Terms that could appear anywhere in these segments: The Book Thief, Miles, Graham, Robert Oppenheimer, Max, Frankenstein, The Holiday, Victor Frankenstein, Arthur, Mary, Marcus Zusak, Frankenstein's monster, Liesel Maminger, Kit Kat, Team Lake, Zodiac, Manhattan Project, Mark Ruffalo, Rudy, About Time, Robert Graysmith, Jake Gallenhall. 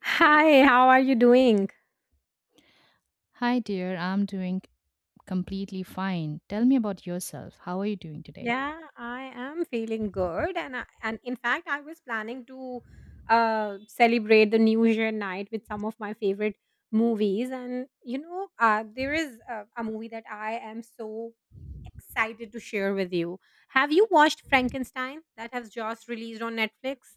Hi, how are you doing? Hi, dear. I'm doing completely fine. Tell me about yourself. How are you doing today? Yeah, I am feeling good, and in fact, I was planning to celebrate the New Year night with some of my favorite movies, and there is a movie that I am so excited to share with you. Have you watched Frankenstein that has just released on Netflix?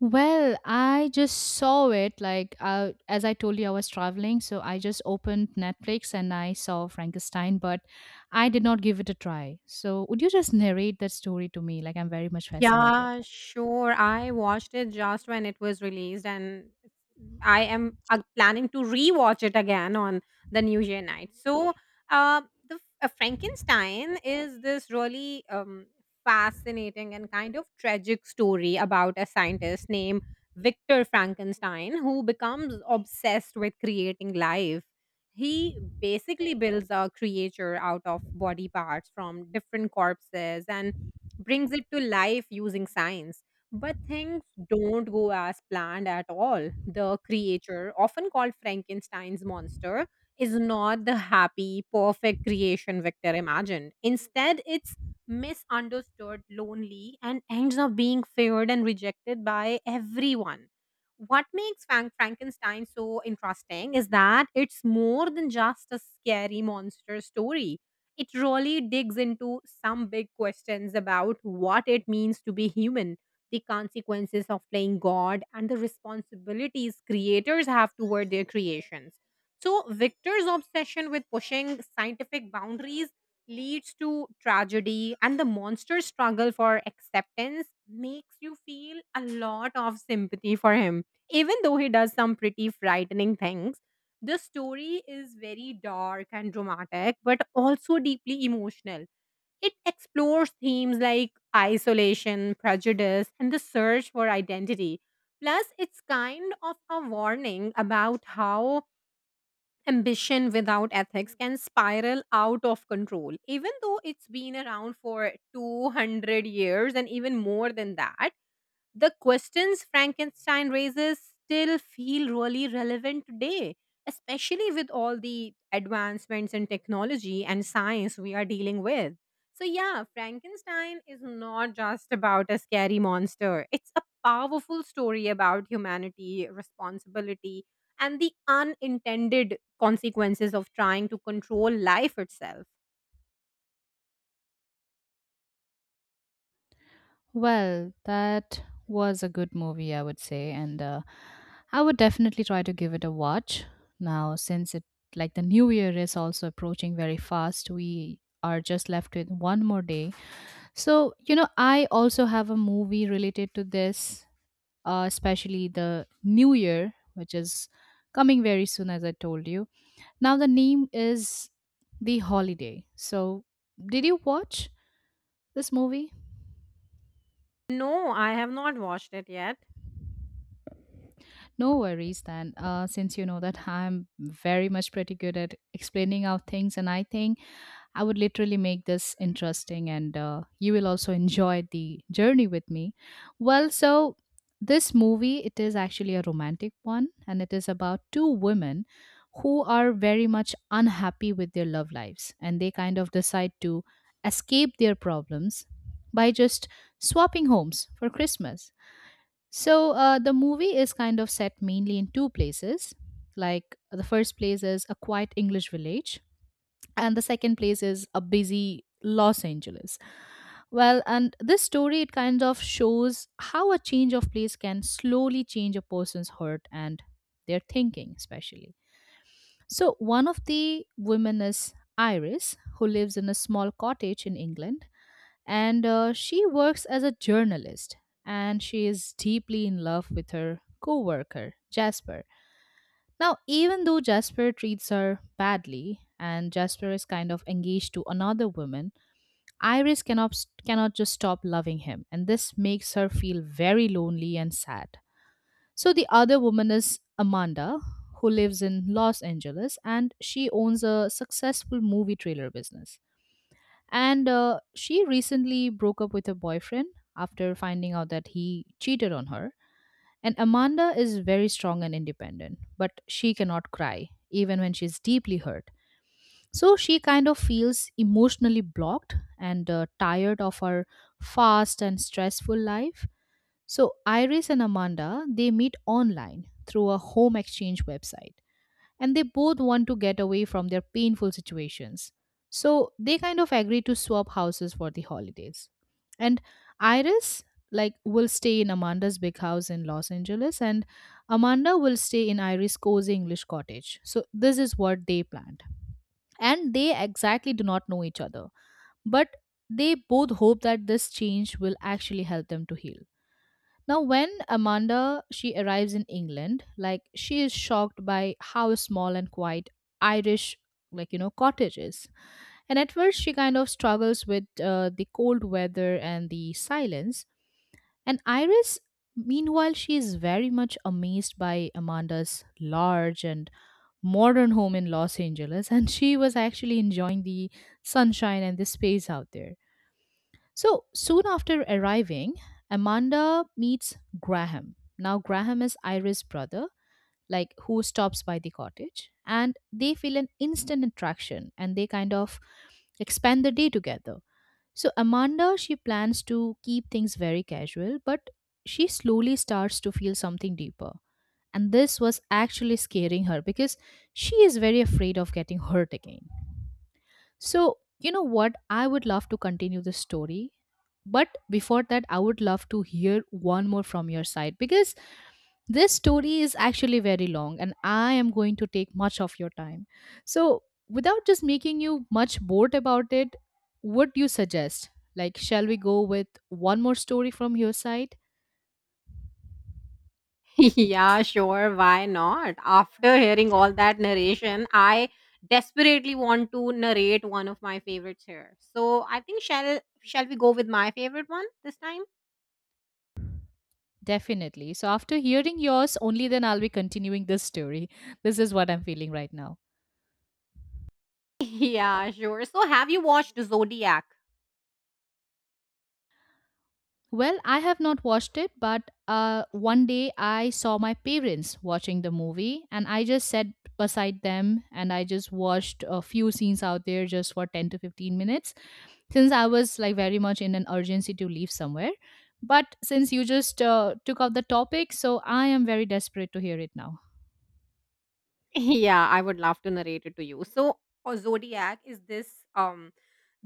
Well, I just saw it. Like, as I told you, I was traveling. So I just opened Netflix and I saw Frankenstein, but I did not give it a try. So, would you just narrate that story to me? Like, I'm very much fascinated. Yeah, sure. I watched it just when it was released, and I am planning to rewatch it again on the New Year night. So, uh, the Frankenstein is this really fascinating and kind of tragic story about a scientist named Victor Frankenstein who becomes obsessed with creating life. He basically builds a creature out of body parts from different corpses and brings it to life using science. But things don't go as planned at all. The creature, often called Frankenstein's monster, is not the happy, perfect creation Victor imagined. Instead, it's misunderstood, lonely, and ends up being feared and rejected by everyone. What makes Frankenstein so interesting is that it's more than just a scary monster story. It really digs into some big questions about what it means to be human, the consequences of playing God, and the responsibilities creators have toward their creations. So, Victor's obsession with pushing scientific boundaries leads to tragedy, and the monster's struggle for acceptance makes you feel a lot of sympathy for him, even though he does some pretty frightening things. The story is very dark and dramatic, but also deeply emotional. It explores themes like isolation, prejudice, and the search for identity. Plus, it's kind of a warning about how ambition without ethics can spiral out of control. Even though it's been around for 200 years and even more than that, the questions Frankenstein raises still feel really relevant today, especially with all the advancements in technology and science we are dealing with. So, yeah, Frankenstein is not just about a scary monster, it's a powerful story about humanity, responsibility, and the unintended consequences of trying to control life itself. Well, that was a good movie, I would say, and I would definitely try to give it a watch now since it like the new year is also approaching very fast. We are just left with one more day. So, you know, I also have a movie related to this, especially the new year, which is coming very soon, as I told you. Now, the name is The Holiday. So, did you watch this movie? No, I have not watched it yet. No worries then. Since you know that I'm very much pretty good at explaining out things, and I think I would literally make this interesting, and you will also enjoy the journey with me. Well, so this movie it is actually a romantic one, and it is about two women who are very much unhappy with their love lives, and they kind of decide to escape their problems by just swapping homes for Christmas. So the movie is kind of set mainly in two places. Like the first place is a quiet English village, and the second place is a busy Los Angeles. Well, and this story it kind of shows how a change of place can slowly change a person's heart and their thinking, especially. So one of the women is Iris, who lives in a small cottage in England and she works as a journalist and she is deeply in love with her co-worker Jasper. Now, even though Jasper treats her badly and Jasper is kind of engaged to another woman, Iris cannot just stop loving him, and this makes her feel very lonely and sad. So the other woman is Amanda, who lives in Los Angeles and she owns a successful movie trailer business, and she recently broke up with her boyfriend after finding out that he cheated on her. And Amanda is very strong and independent, but she cannot cry, even when she's deeply hurt. So she kind of feels emotionally blocked and tired of her fast and stressful life. So Iris and Amanda, they meet online through a home exchange website and they both want to get away from their painful situations. So they kind of agree to swap houses for the holidays. And Iris like will stay in Amanda's big house in Los Angeles and Amanda will stay in Iris' cozy English cottage. So this is what they planned. And they exactly do not know each other, but they both hope that this change will actually help them to heal. Now, when Amanda she arrives in England, like she is shocked by how small and quiet Irish, like you know, cottage is. And at first, she kind of struggles with the cold weather and the silence. And Iris, meanwhile, she is very much amazed by Amanda's large and modern home in Los Angeles, and she was actually enjoying the sunshine and the space out there. So soon after arriving, Amanda meets Graham. Now, Graham is Iris' brother, like who stops by the cottage, and they feel an instant attraction and they kind of expand the day together. So, Amanda, she plans to keep things very casual, but she slowly starts to feel something deeper. And this was actually scaring her because she is very afraid of getting hurt again. So, you know what? I would love to continue this story. But before that, I would love to hear one more from your side because this story is actually very long and I am going to take much of your time. So, without just making you much bored about it, what do you suggest? Like, shall we go with one more story from your side? Yeah, sure. Why not? After hearing all that narration, I desperately want to narrate one of my favorites here. So I think shall we go with my favorite one this time? Definitely. So, after hearing yours, only then I'll be continuing this story. This is what I'm feeling right now. Yeah, sure. So have you watched Zodiac? Well, I have not watched it, but one day I saw my parents watching the movie, and I just sat beside them and I just watched a few scenes out there just for 10 to 15 minutes since I was like very much in an urgency to leave somewhere. But since you just took out the topic, so I am very desperate to hear it now. Yeah, I would love to narrate it to you. So Zodiac is this um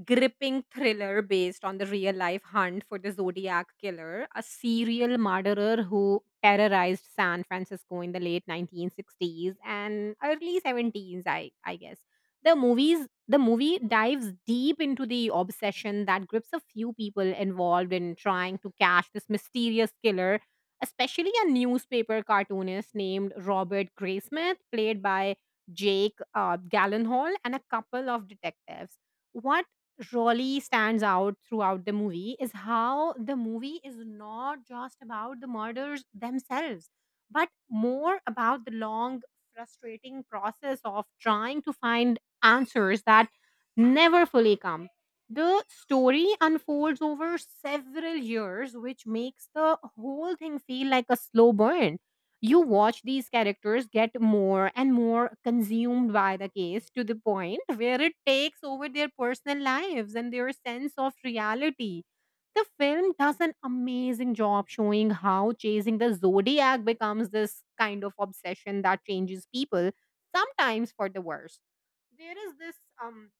gripping thriller based on the real life hunt for the Zodiac killer, a serial murderer who terrorized San Francisco in the late 1960s and early 70s, I guess. The movie dives deep into the obsession that grips a few people involved in trying to catch this mysterious killer, especially a newspaper cartoonist named Robert Graysmith, played by Jake Gallenhall, and a couple of detectives. What really stands out throughout the movie is how the movie is not just about the murders themselves, but more about the long, frustrating process of trying to find answers that never fully come. The story unfolds over several years, which makes the whole thing feel like a slow burn. You watch these characters get more and more consumed by the case to the point where it takes over their personal lives and their sense of reality. The film does an amazing job showing how chasing the Zodiac becomes this kind of obsession that changes people, sometimes for the worse. There is this um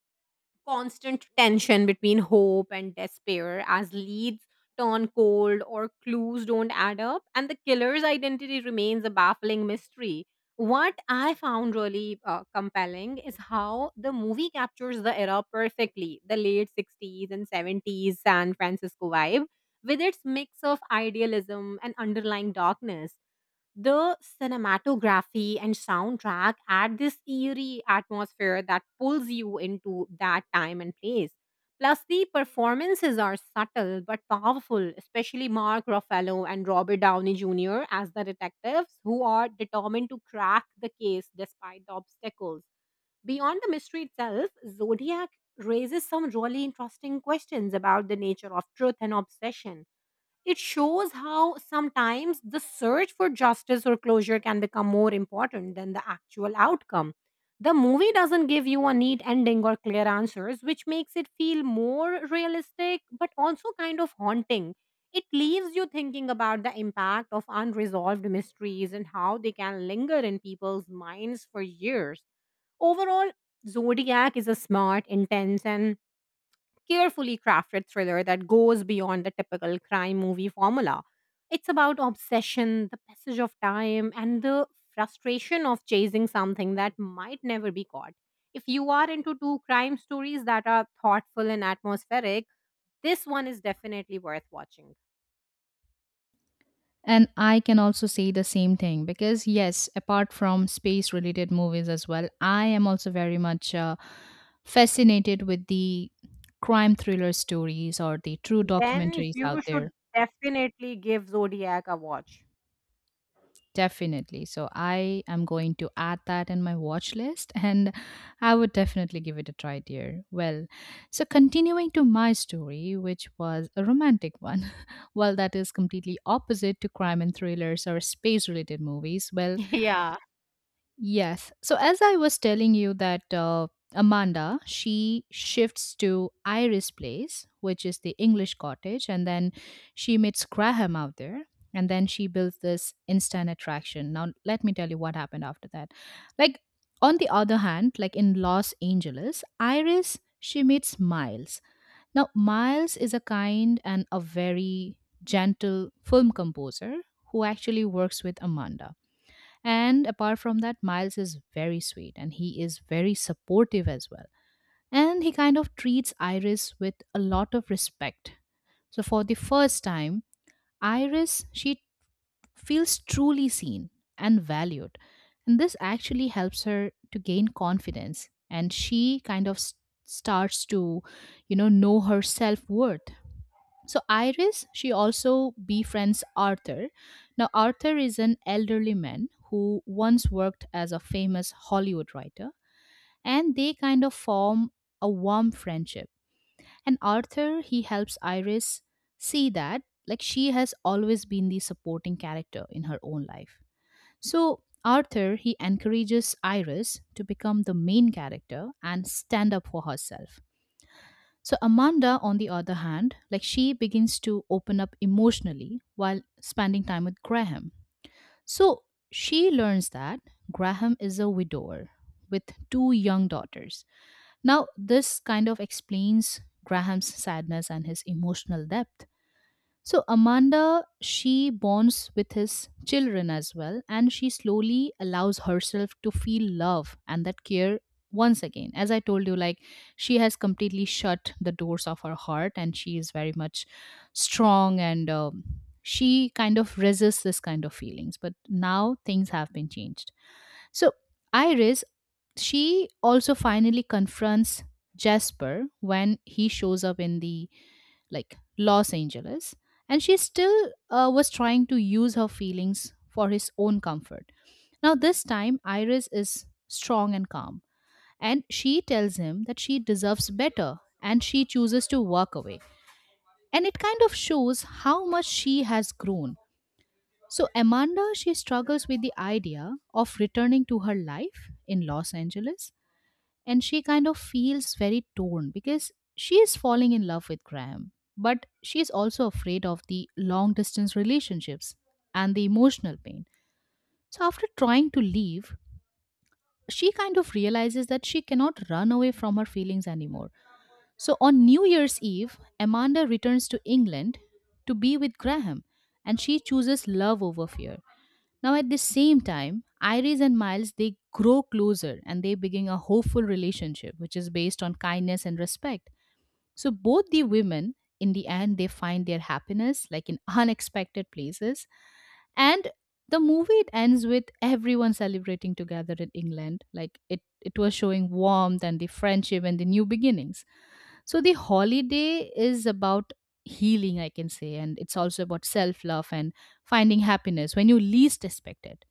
constant tension between hope and despair as leads turn cold or clues don't add up, and the killer's identity remains a baffling mystery. What I found really compelling is how the movie captures the era perfectly, the late 60s and 70s San Francisco vibe with its mix of idealism and underlying darkness. The cinematography and soundtrack add this eerie atmosphere that pulls you into that time and place. Plus, the performances are subtle but powerful, especially Mark Ruffalo and Robert Downey Jr. as the detectives, who are determined to crack the case despite the obstacles. Beyond the mystery itself, Zodiac raises some really interesting questions about the nature of truth and obsession. It shows how sometimes the search for justice or closure can become more important than the actual outcome. The movie doesn't give you a neat ending or clear answers, which makes it feel more realistic but also kind of haunting. It leaves you thinking about the impact of unresolved mysteries and how they can linger in people's minds for years. Overall, Zodiac is a smart, intense, and carefully crafted thriller that goes beyond the typical crime movie formula. It's about obsession, the passage of time, and the frustration of chasing something that might never be caught. If you are into two crime stories that are thoughtful and atmospheric, this one is definitely worth watching. And I can also say the same thing because, yes, apart from space related movies as well, I am also very much fascinated with the crime thriller stories or the true Then documentaries you out should there. definitely give Zodiac a watch. Definitely. So I am going to add that in my watch list and I would definitely give it a try, dear. Well, so continuing to my story, which was a romantic one, well, that is completely opposite to crime and thrillers or space related movies. Well, Yeah, yes. So, as I was telling you, that Amanda, she shifts to Iris Place, which is the English cottage, and then she meets Graham out there. And then she builds this instant attraction. Now, let me tell you what happened after that. Like, on the other hand, like in Los Angeles, Iris, she meets Miles. Now, Miles is a kind and a very gentle film composer who actually works with Amanda. And apart from that, Miles is very sweet and he is very supportive as well. And he kind of treats Iris with a lot of respect. So for the first time, Iris she feels truly seen and valued. And this actually helps her to gain confidence and she kind of starts to know her self-worth. So Iris, she also befriends Arthur. Now Arthur is an elderly man who once worked as a famous Hollywood writer, and they kind of form a warm friendship. And Arthur, he helps Iris see that like she has always been the supporting character in her own life. So Arthur, he encourages Iris to become the main character and stand up for herself. So Amanda, on the other hand, like she begins to open up emotionally while spending time with Graham. So she learns that Graham is a widower with two young daughters. Now, this kind of explains Graham's sadness and his emotional depth. So Amanda, she bonds with his children as well, and she slowly allows herself to feel love and that care once again. As I told you, like she has completely shut the doors of her heart, and she is very much strong and she kind of resists this kind of feelings. But now things have been changed. So Iris, she also finally confronts Jasper when he shows up in the like Los Angeles, and she still was trying to use her feelings for his own comfort. Now, this time, Iris is strong and calm, and she tells him that she deserves better and she chooses to walk away. And it kind of shows how much she has grown. So, Amanda, she struggles with the idea of returning to her life in Los Angeles and she kind of feels very torn because she is falling in love with Graham, but she is also afraid of the long distance relationships and the emotional pain. So, after trying to leave, she kind of realizes that she cannot run away from her feelings anymore. So, on New Year's Eve, Amanda returns to England to be with Graham and she chooses love over fear. Now, at the same time, Iris and Miles they grow closer and they begin a hopeful relationship, which is based on kindness and respect. So both the women, in the end, they find their happiness like in unexpected places, and the movie it ends with everyone celebrating together in England. Like it was showing warmth and the friendship and the new beginnings. So the holiday is about healing, I can say, and it's also about self love and finding happiness when you least expect it.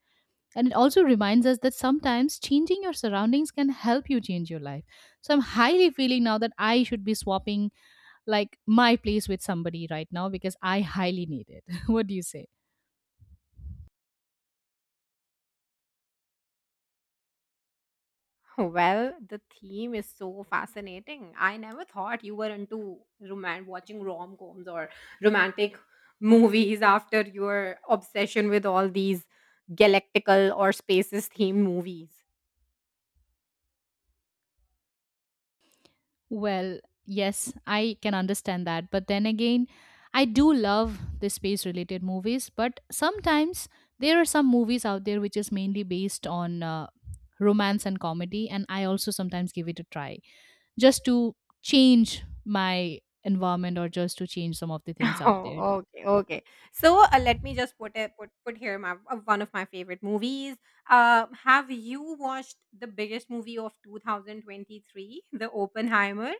And it also reminds us that sometimes changing your surroundings can help you change your life. So I'm highly feeling now that I should be swapping like my place with somebody right now because I highly need it. What do you say? well, the theme is so fascinating. I never thought you were into roman watching rom-coms or romantic movies after your obsession with all these galactical or spaces themed movies. Well, yes, I can understand that. But then again, I do love the space related movies, but sometimes there are some movies out there which is mainly based on romance and comedy, and I also sometimes give it a try just to change my environment or just to change some of the things out there. Oh, okay, okay. So let me just put it put put here my one of my favorite movies. Have you watched the biggest movie of 2023, The Oppenheimer?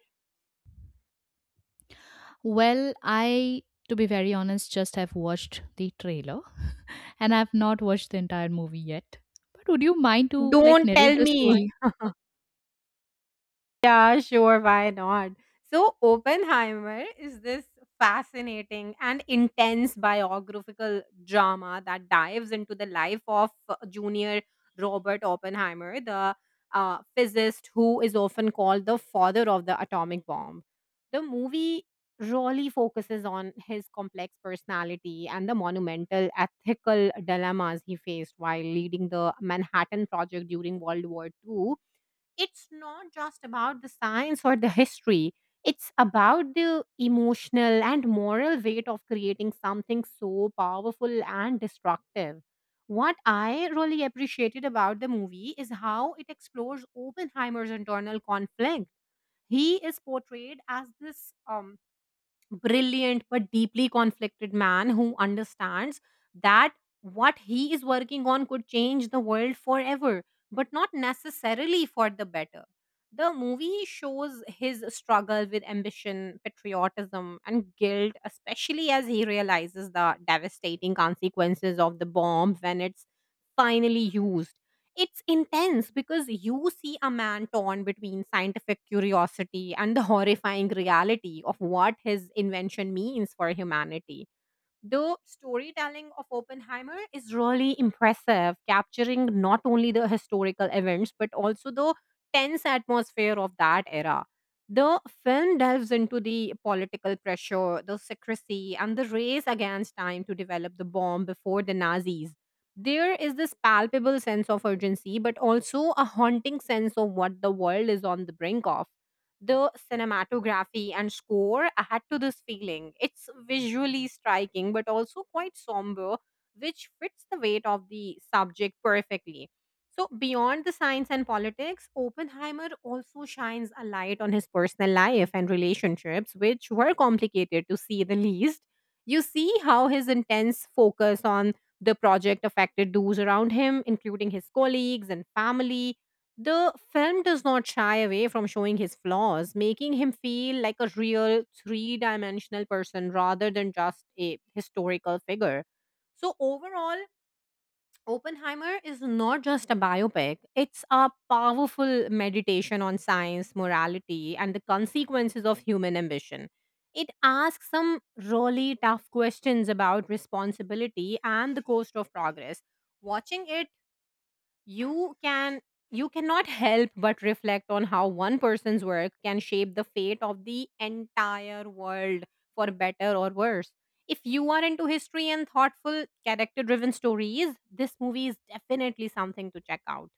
Well, I, to be very honest, just have watched the trailer and I've not watched the entire movie yet. But would you mind to like Don't narrate tell the me. story? Yeah, sure, why not? So, Oppenheimer is this fascinating and intense biographical drama that dives into the life of junior Robert Oppenheimer, the physicist who is often called the father of the atomic bomb. The movie really focuses on his complex personality and the monumental ethical dilemmas he faced while leading the Manhattan Project during World War II. It's not just about the science or the history, it's about the emotional and moral weight of creating something so powerful and destructive. What I really appreciated about the movie is how it explores Oppenheimer's internal conflict. He is portrayed as this um brilliant but deeply conflicted man who understands that what he is working on could change the world forever, but not necessarily for the better. The movie shows his struggle with ambition, patriotism, and guilt, especially as he realizes the devastating consequences of the bomb when it's finally used. It's intense because you see a man torn between scientific curiosity and the horrifying reality of what his invention means for humanity. The storytelling of Oppenheimer is really impressive, capturing not only the historical events but also the tense atmosphere of that era. The film delves into the political pressure, the secrecy, and the race against time to develop the bomb before the Nazis. There is this palpable sense of urgency, but also a haunting sense of what the world is on the brink of. The cinematography and score add to this feeling. It's visually striking, but also quite somber, which fits the weight of the subject perfectly. So, beyond the science and politics, Oppenheimer also shines a light on his personal life and relationships, which were complicated to see the least. You see how his intense focus on the project affected those around him, including his colleagues and family. The film does not shy away from showing his flaws, making him feel like a real three dimensional person rather than just a historical figure. So, overall, Oppenheimer is not just a biopic, it's a powerful meditation on science, morality, and the consequences of human ambition. It asks some really tough questions about responsibility and the cost of progress. Watching it, you can you cannot help but reflect on how one person's work can shape the fate of the entire world, for better or worse. If you are into history and thoughtful character driven stories, this movie is definitely something to check out.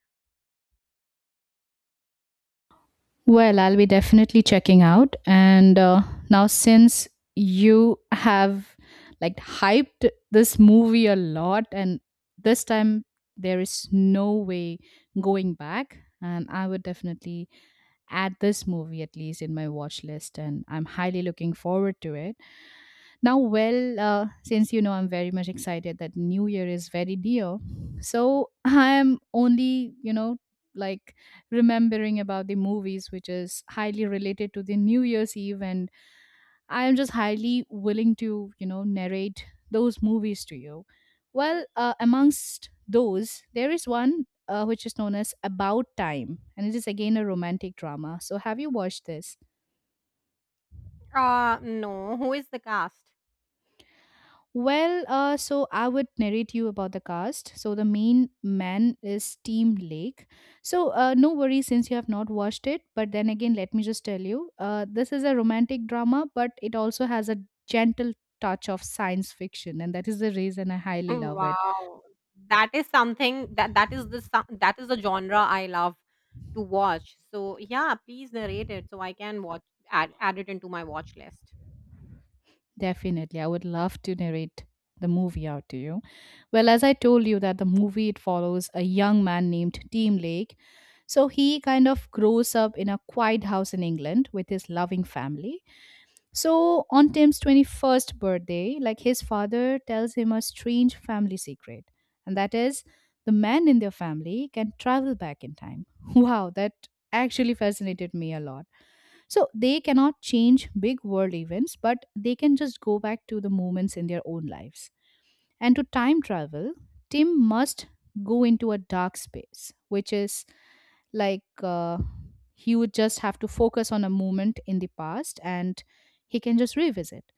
Well, I'll be definitely checking out. And Now, since you have like hyped this movie a lot, and this time there is no way going back, and I would definitely add this movie at least in my watch list, and I'm highly looking forward to it. Now, since I'm very much excited that New Year is very dear, so I'm only like remembering about the movies which is highly related to the new year's eve, and I am just highly willing to narrate those movies to you. Amongst those there is one which is known as About Time, and it is again a romantic drama. So have you watched this? Uh, no, who is the cast? So I would narrate you about the cast. So the main man is Team Lake. So no worries since you have not watched it. But then again, let me just tell you, this is a romantic drama, but it also has a gentle touch of science fiction, and that is the reason I highly love it. Wow. That is something that that is the genre I love to watch. So yeah, please narrate it so I can watch add it into my watch list. Definitely, I would love to narrate the movie out to you. Well, as I told you, that the movie it follows a young man named Team Lake. So he kind of grows up in a quiet house in England with his loving family. So on Tim's 21st birthday, like his father tells him a strange family secret, and that is the man in their family can travel back in time. Wow, that actually fascinated me a lot. So they cannot change big world events, but they can just go back to the moments in their own lives. And to time travel, Tim must go into a dark space, which is like he would just have to focus on a moment in the past, and he can just revisit.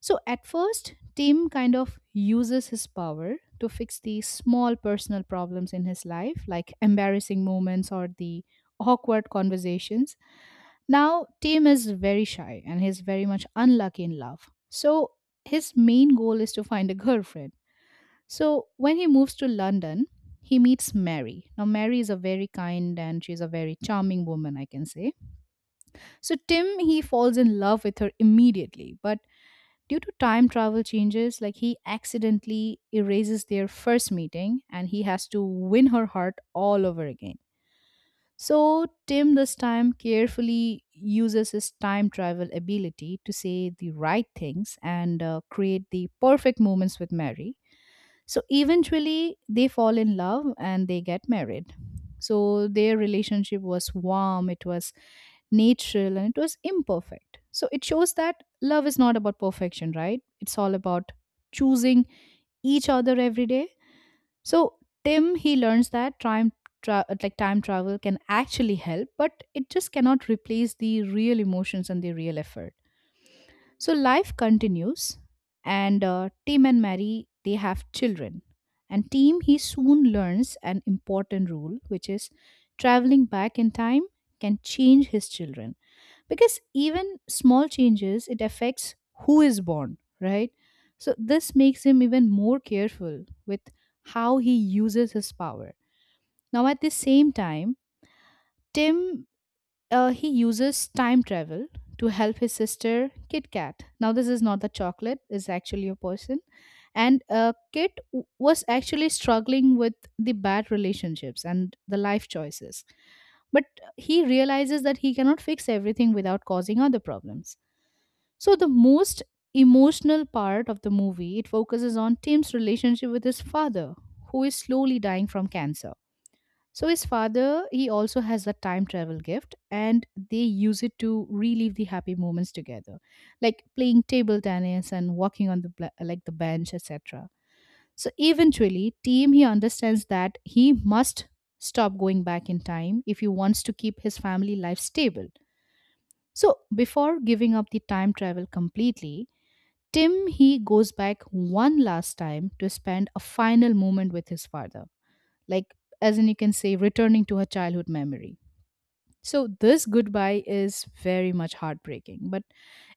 So at first, Tim kind of uses his power to fix the small personal problems in his life, like embarrassing moments or the awkward conversations. Now, Tim is very shy and he's very much unlucky in love. So his main goal is to find a girlfriend. So when he moves to London, he meets Mary. Now, Mary is a very kind and she's a very charming woman, I can say. So Tim, he falls in love with her immediately, but due to time travel changes, like he accidentally erases their first meeting and he has to win her heart all over again. So Tim this time carefully uses his time travel ability to say the right things and create the perfect moments with Mary. So eventually, they fall in love and they get married. So their relationship was warm, it was natural, and it was imperfect. So it shows that love is not about perfection, right? It's all about choosing each other every day. So Tim, he learns that like time travel can actually help, but it just cannot replace the real emotions and the real effort. So life continues, and Tim and Mary they have children, and Tim he soon learns an important rule, which is traveling back in time can change his children because even small changes it affects who is born, right? So this makes him even more careful with how he uses his power. Now at the same time, Tim he uses time travel to help his sister Kit Kat. Now, this is not the chocolate, it's actually a person. And was actually struggling with the bad relationships and the life choices. But he realizes that he cannot fix everything without causing other problems. So the most emotional part of the movie it focuses on Tim's relationship with his father who is slowly dying from cancer. So his father, he also has a time travel gift, and they use it to relive the happy moments together, like playing table tennis and walking on the bla- like the bench, etc. So eventually, Tim he understands that he must stop going back in time if he wants to keep his family life stable. So before giving up the time travel completely, Tim he goes back one last time to spend a final moment with his father, like as in you can say, returning to her childhood memory. So this goodbye is very much heartbreaking, but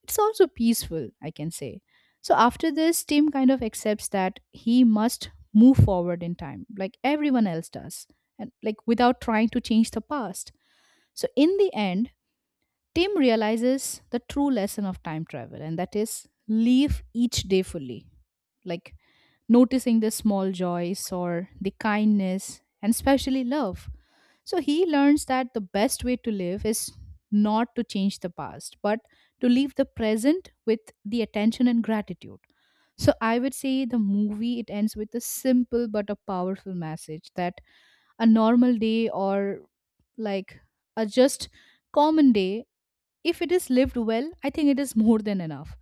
it's also peaceful, I can say. So after this, Tim kind of accepts that he must move forward in time, like everyone else does, and like without trying to change the past. So in the end, Tim realizes the true lesson of time travel, and that is live each day fully, like noticing the small joys or the kindness, and especially love. So he learns that the best way to live is not to change the past, but to live the present with the attention and gratitude. So I would say the movie it ends with a simple but a powerful message that a normal day, or like a just common day, if it is lived well, I think it is more than enough.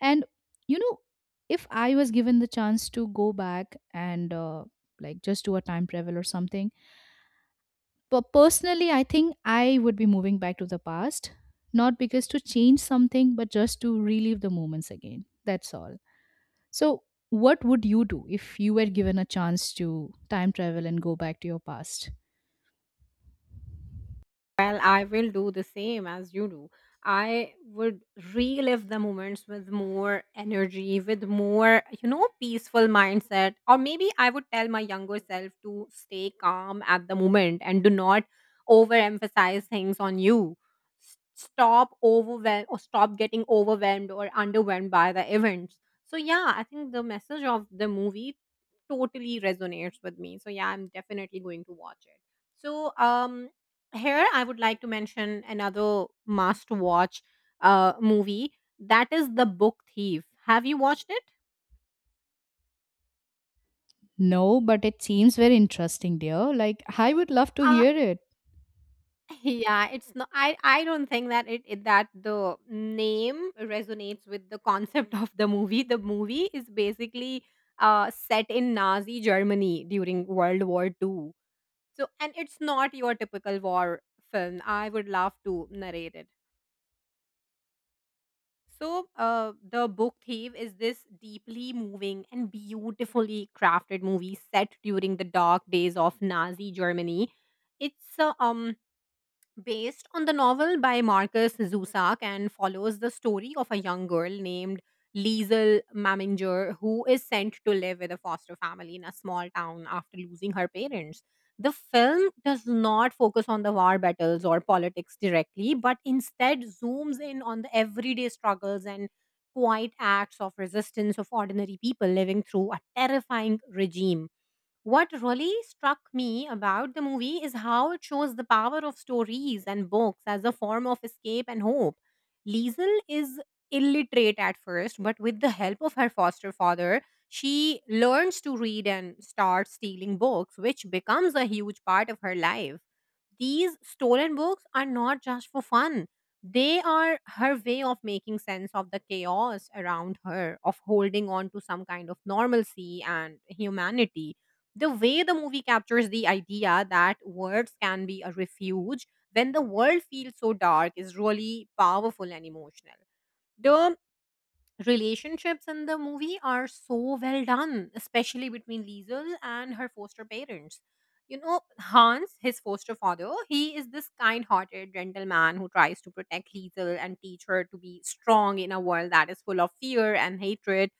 And you know, if I was given the chance to go back and like just do a time travel or something, but personally, I think I would be moving back to the past, not because to change something, but just to relive the moments again. That's all. So what would you do if you were given a chance to time travel and go back to your past? Well, I will do the same as you do. I would relive the moments with more energy, with more, you know, peaceful mindset. Or maybe I would tell my younger self to stay calm at the moment and do not overemphasize things on you. Stop overwhelmed or stop getting overwhelmed or underwhelmed by the events. So yeah, I think the message of the movie totally resonates with me. So yeah, I'm definitely going to watch it. So here I would like to mention another must watch movie, that is The Book Thief. Have you watched it? No, but it seems very interesting, dear. Like, I would love to uh, hear it. yeah, it's not, I don't think that it that the name resonates with the concept of the movie. The movie is basically set in Nazi Germany during World War Two. So, and it's not your typical war film. I would love to narrate it. So, The Book Thief is this deeply moving and beautifully crafted movie set during the dark days of Nazi Germany. It's based on the novel by Marcus Zusak and follows the story of a young girl named Liesel Maminger, who is sent to live with a foster family in a small town after losing her parents. The film does not focus on the war battles or politics directly, but instead zooms in on the everyday struggles and quiet acts of resistance of ordinary people living through a terrifying regime. What really struck me about the movie is how it shows the power of stories and books as a form of escape and hope. Liesel is illiterate at first, but with the help of her foster father, she learns to read and starts stealing books, which becomes a huge part of her life. These stolen books are not just for fun, they are her way of making sense of the chaos around her, of holding on to some kind of normalcy and humanity. The way the movie captures the idea that words can be a refuge when the world feels so dark is really powerful and emotional. The relationships in the movie are so well done, especially between Liesel and her foster parents. You know, Hans, his foster father, he is this kind hearted gentleman who tries to protect Liesel and teach her to be strong in a world that is full of fear and hatred.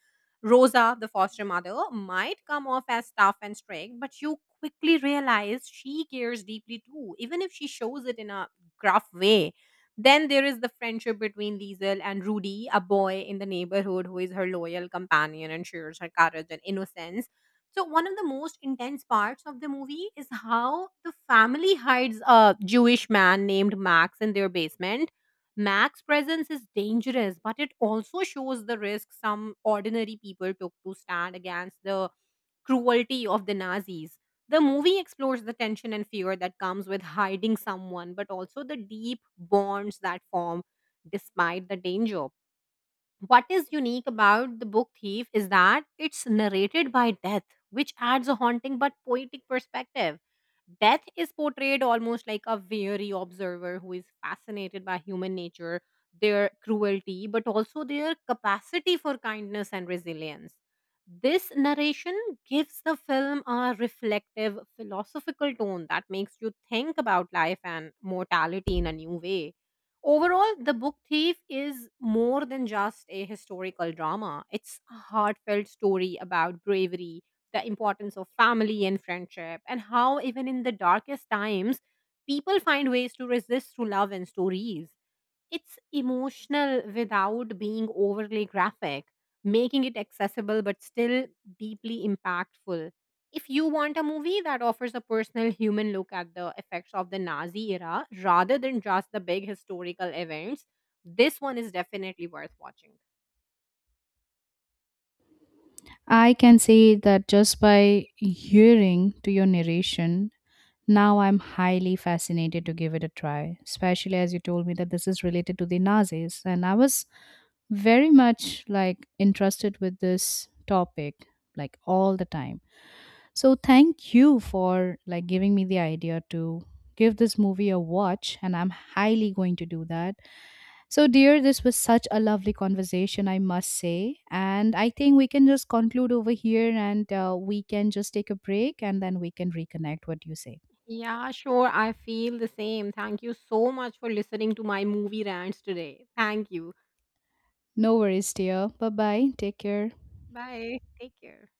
Rosa, the foster mother, might come off as tough and strict, but you quickly realize she cares deeply too, even if she shows it in a gruff way. Then there is the friendship between Liesel and Rudy, a boy in the neighborhood who is her loyal companion and shares her courage and innocence. So one of the most intense parts of the movie is how the family hides a Jewish man named Max in their basement. Max's presence is dangerous, but it also shows the risk some ordinary people took to stand against the cruelty of the Nazis. The movie explores the tension and fear that comes with hiding someone, but also the deep bonds that form despite the danger. What is unique about The Book Thief is that it's narrated by death, which adds a haunting but poetic perspective. Death is portrayed almost like a weary observer who is fascinated by human nature, their cruelty, but also their capacity for kindness and resilience. This narration gives the film a reflective, philosophical tone that makes you think about life and mortality in a new way. Overall, The Book Thief is more than just a historical drama. It's a heartfelt story about bravery, the importance of family and friendship, and how even in the darkest times, people find ways to resist through love and stories. It's emotional without being overly graphic, making it accessible but still deeply impactful. If you want a movie that offers a personal human look at the effects of the Nazi era rather than just the big historical events, this one is definitely worth watching. I can say that just by hearing to your narration, now I'm highly fascinated to give it a try, especially as you told me that this is related to the Nazis. And I was very much like interested with this topic like all the time. So thank you for like giving me the idea to give this movie a watch, and I'm highly going to do that. So dear, this was such a lovely conversation, I must say, and I think we can just conclude over here, and we can just take a break and then we can reconnect. What do you say? Yeah, sure. I feel the same. Thank you so much for listening to my movie rants today. Thank you. No worries, dear. Bye bye, take care. Bye. Take care.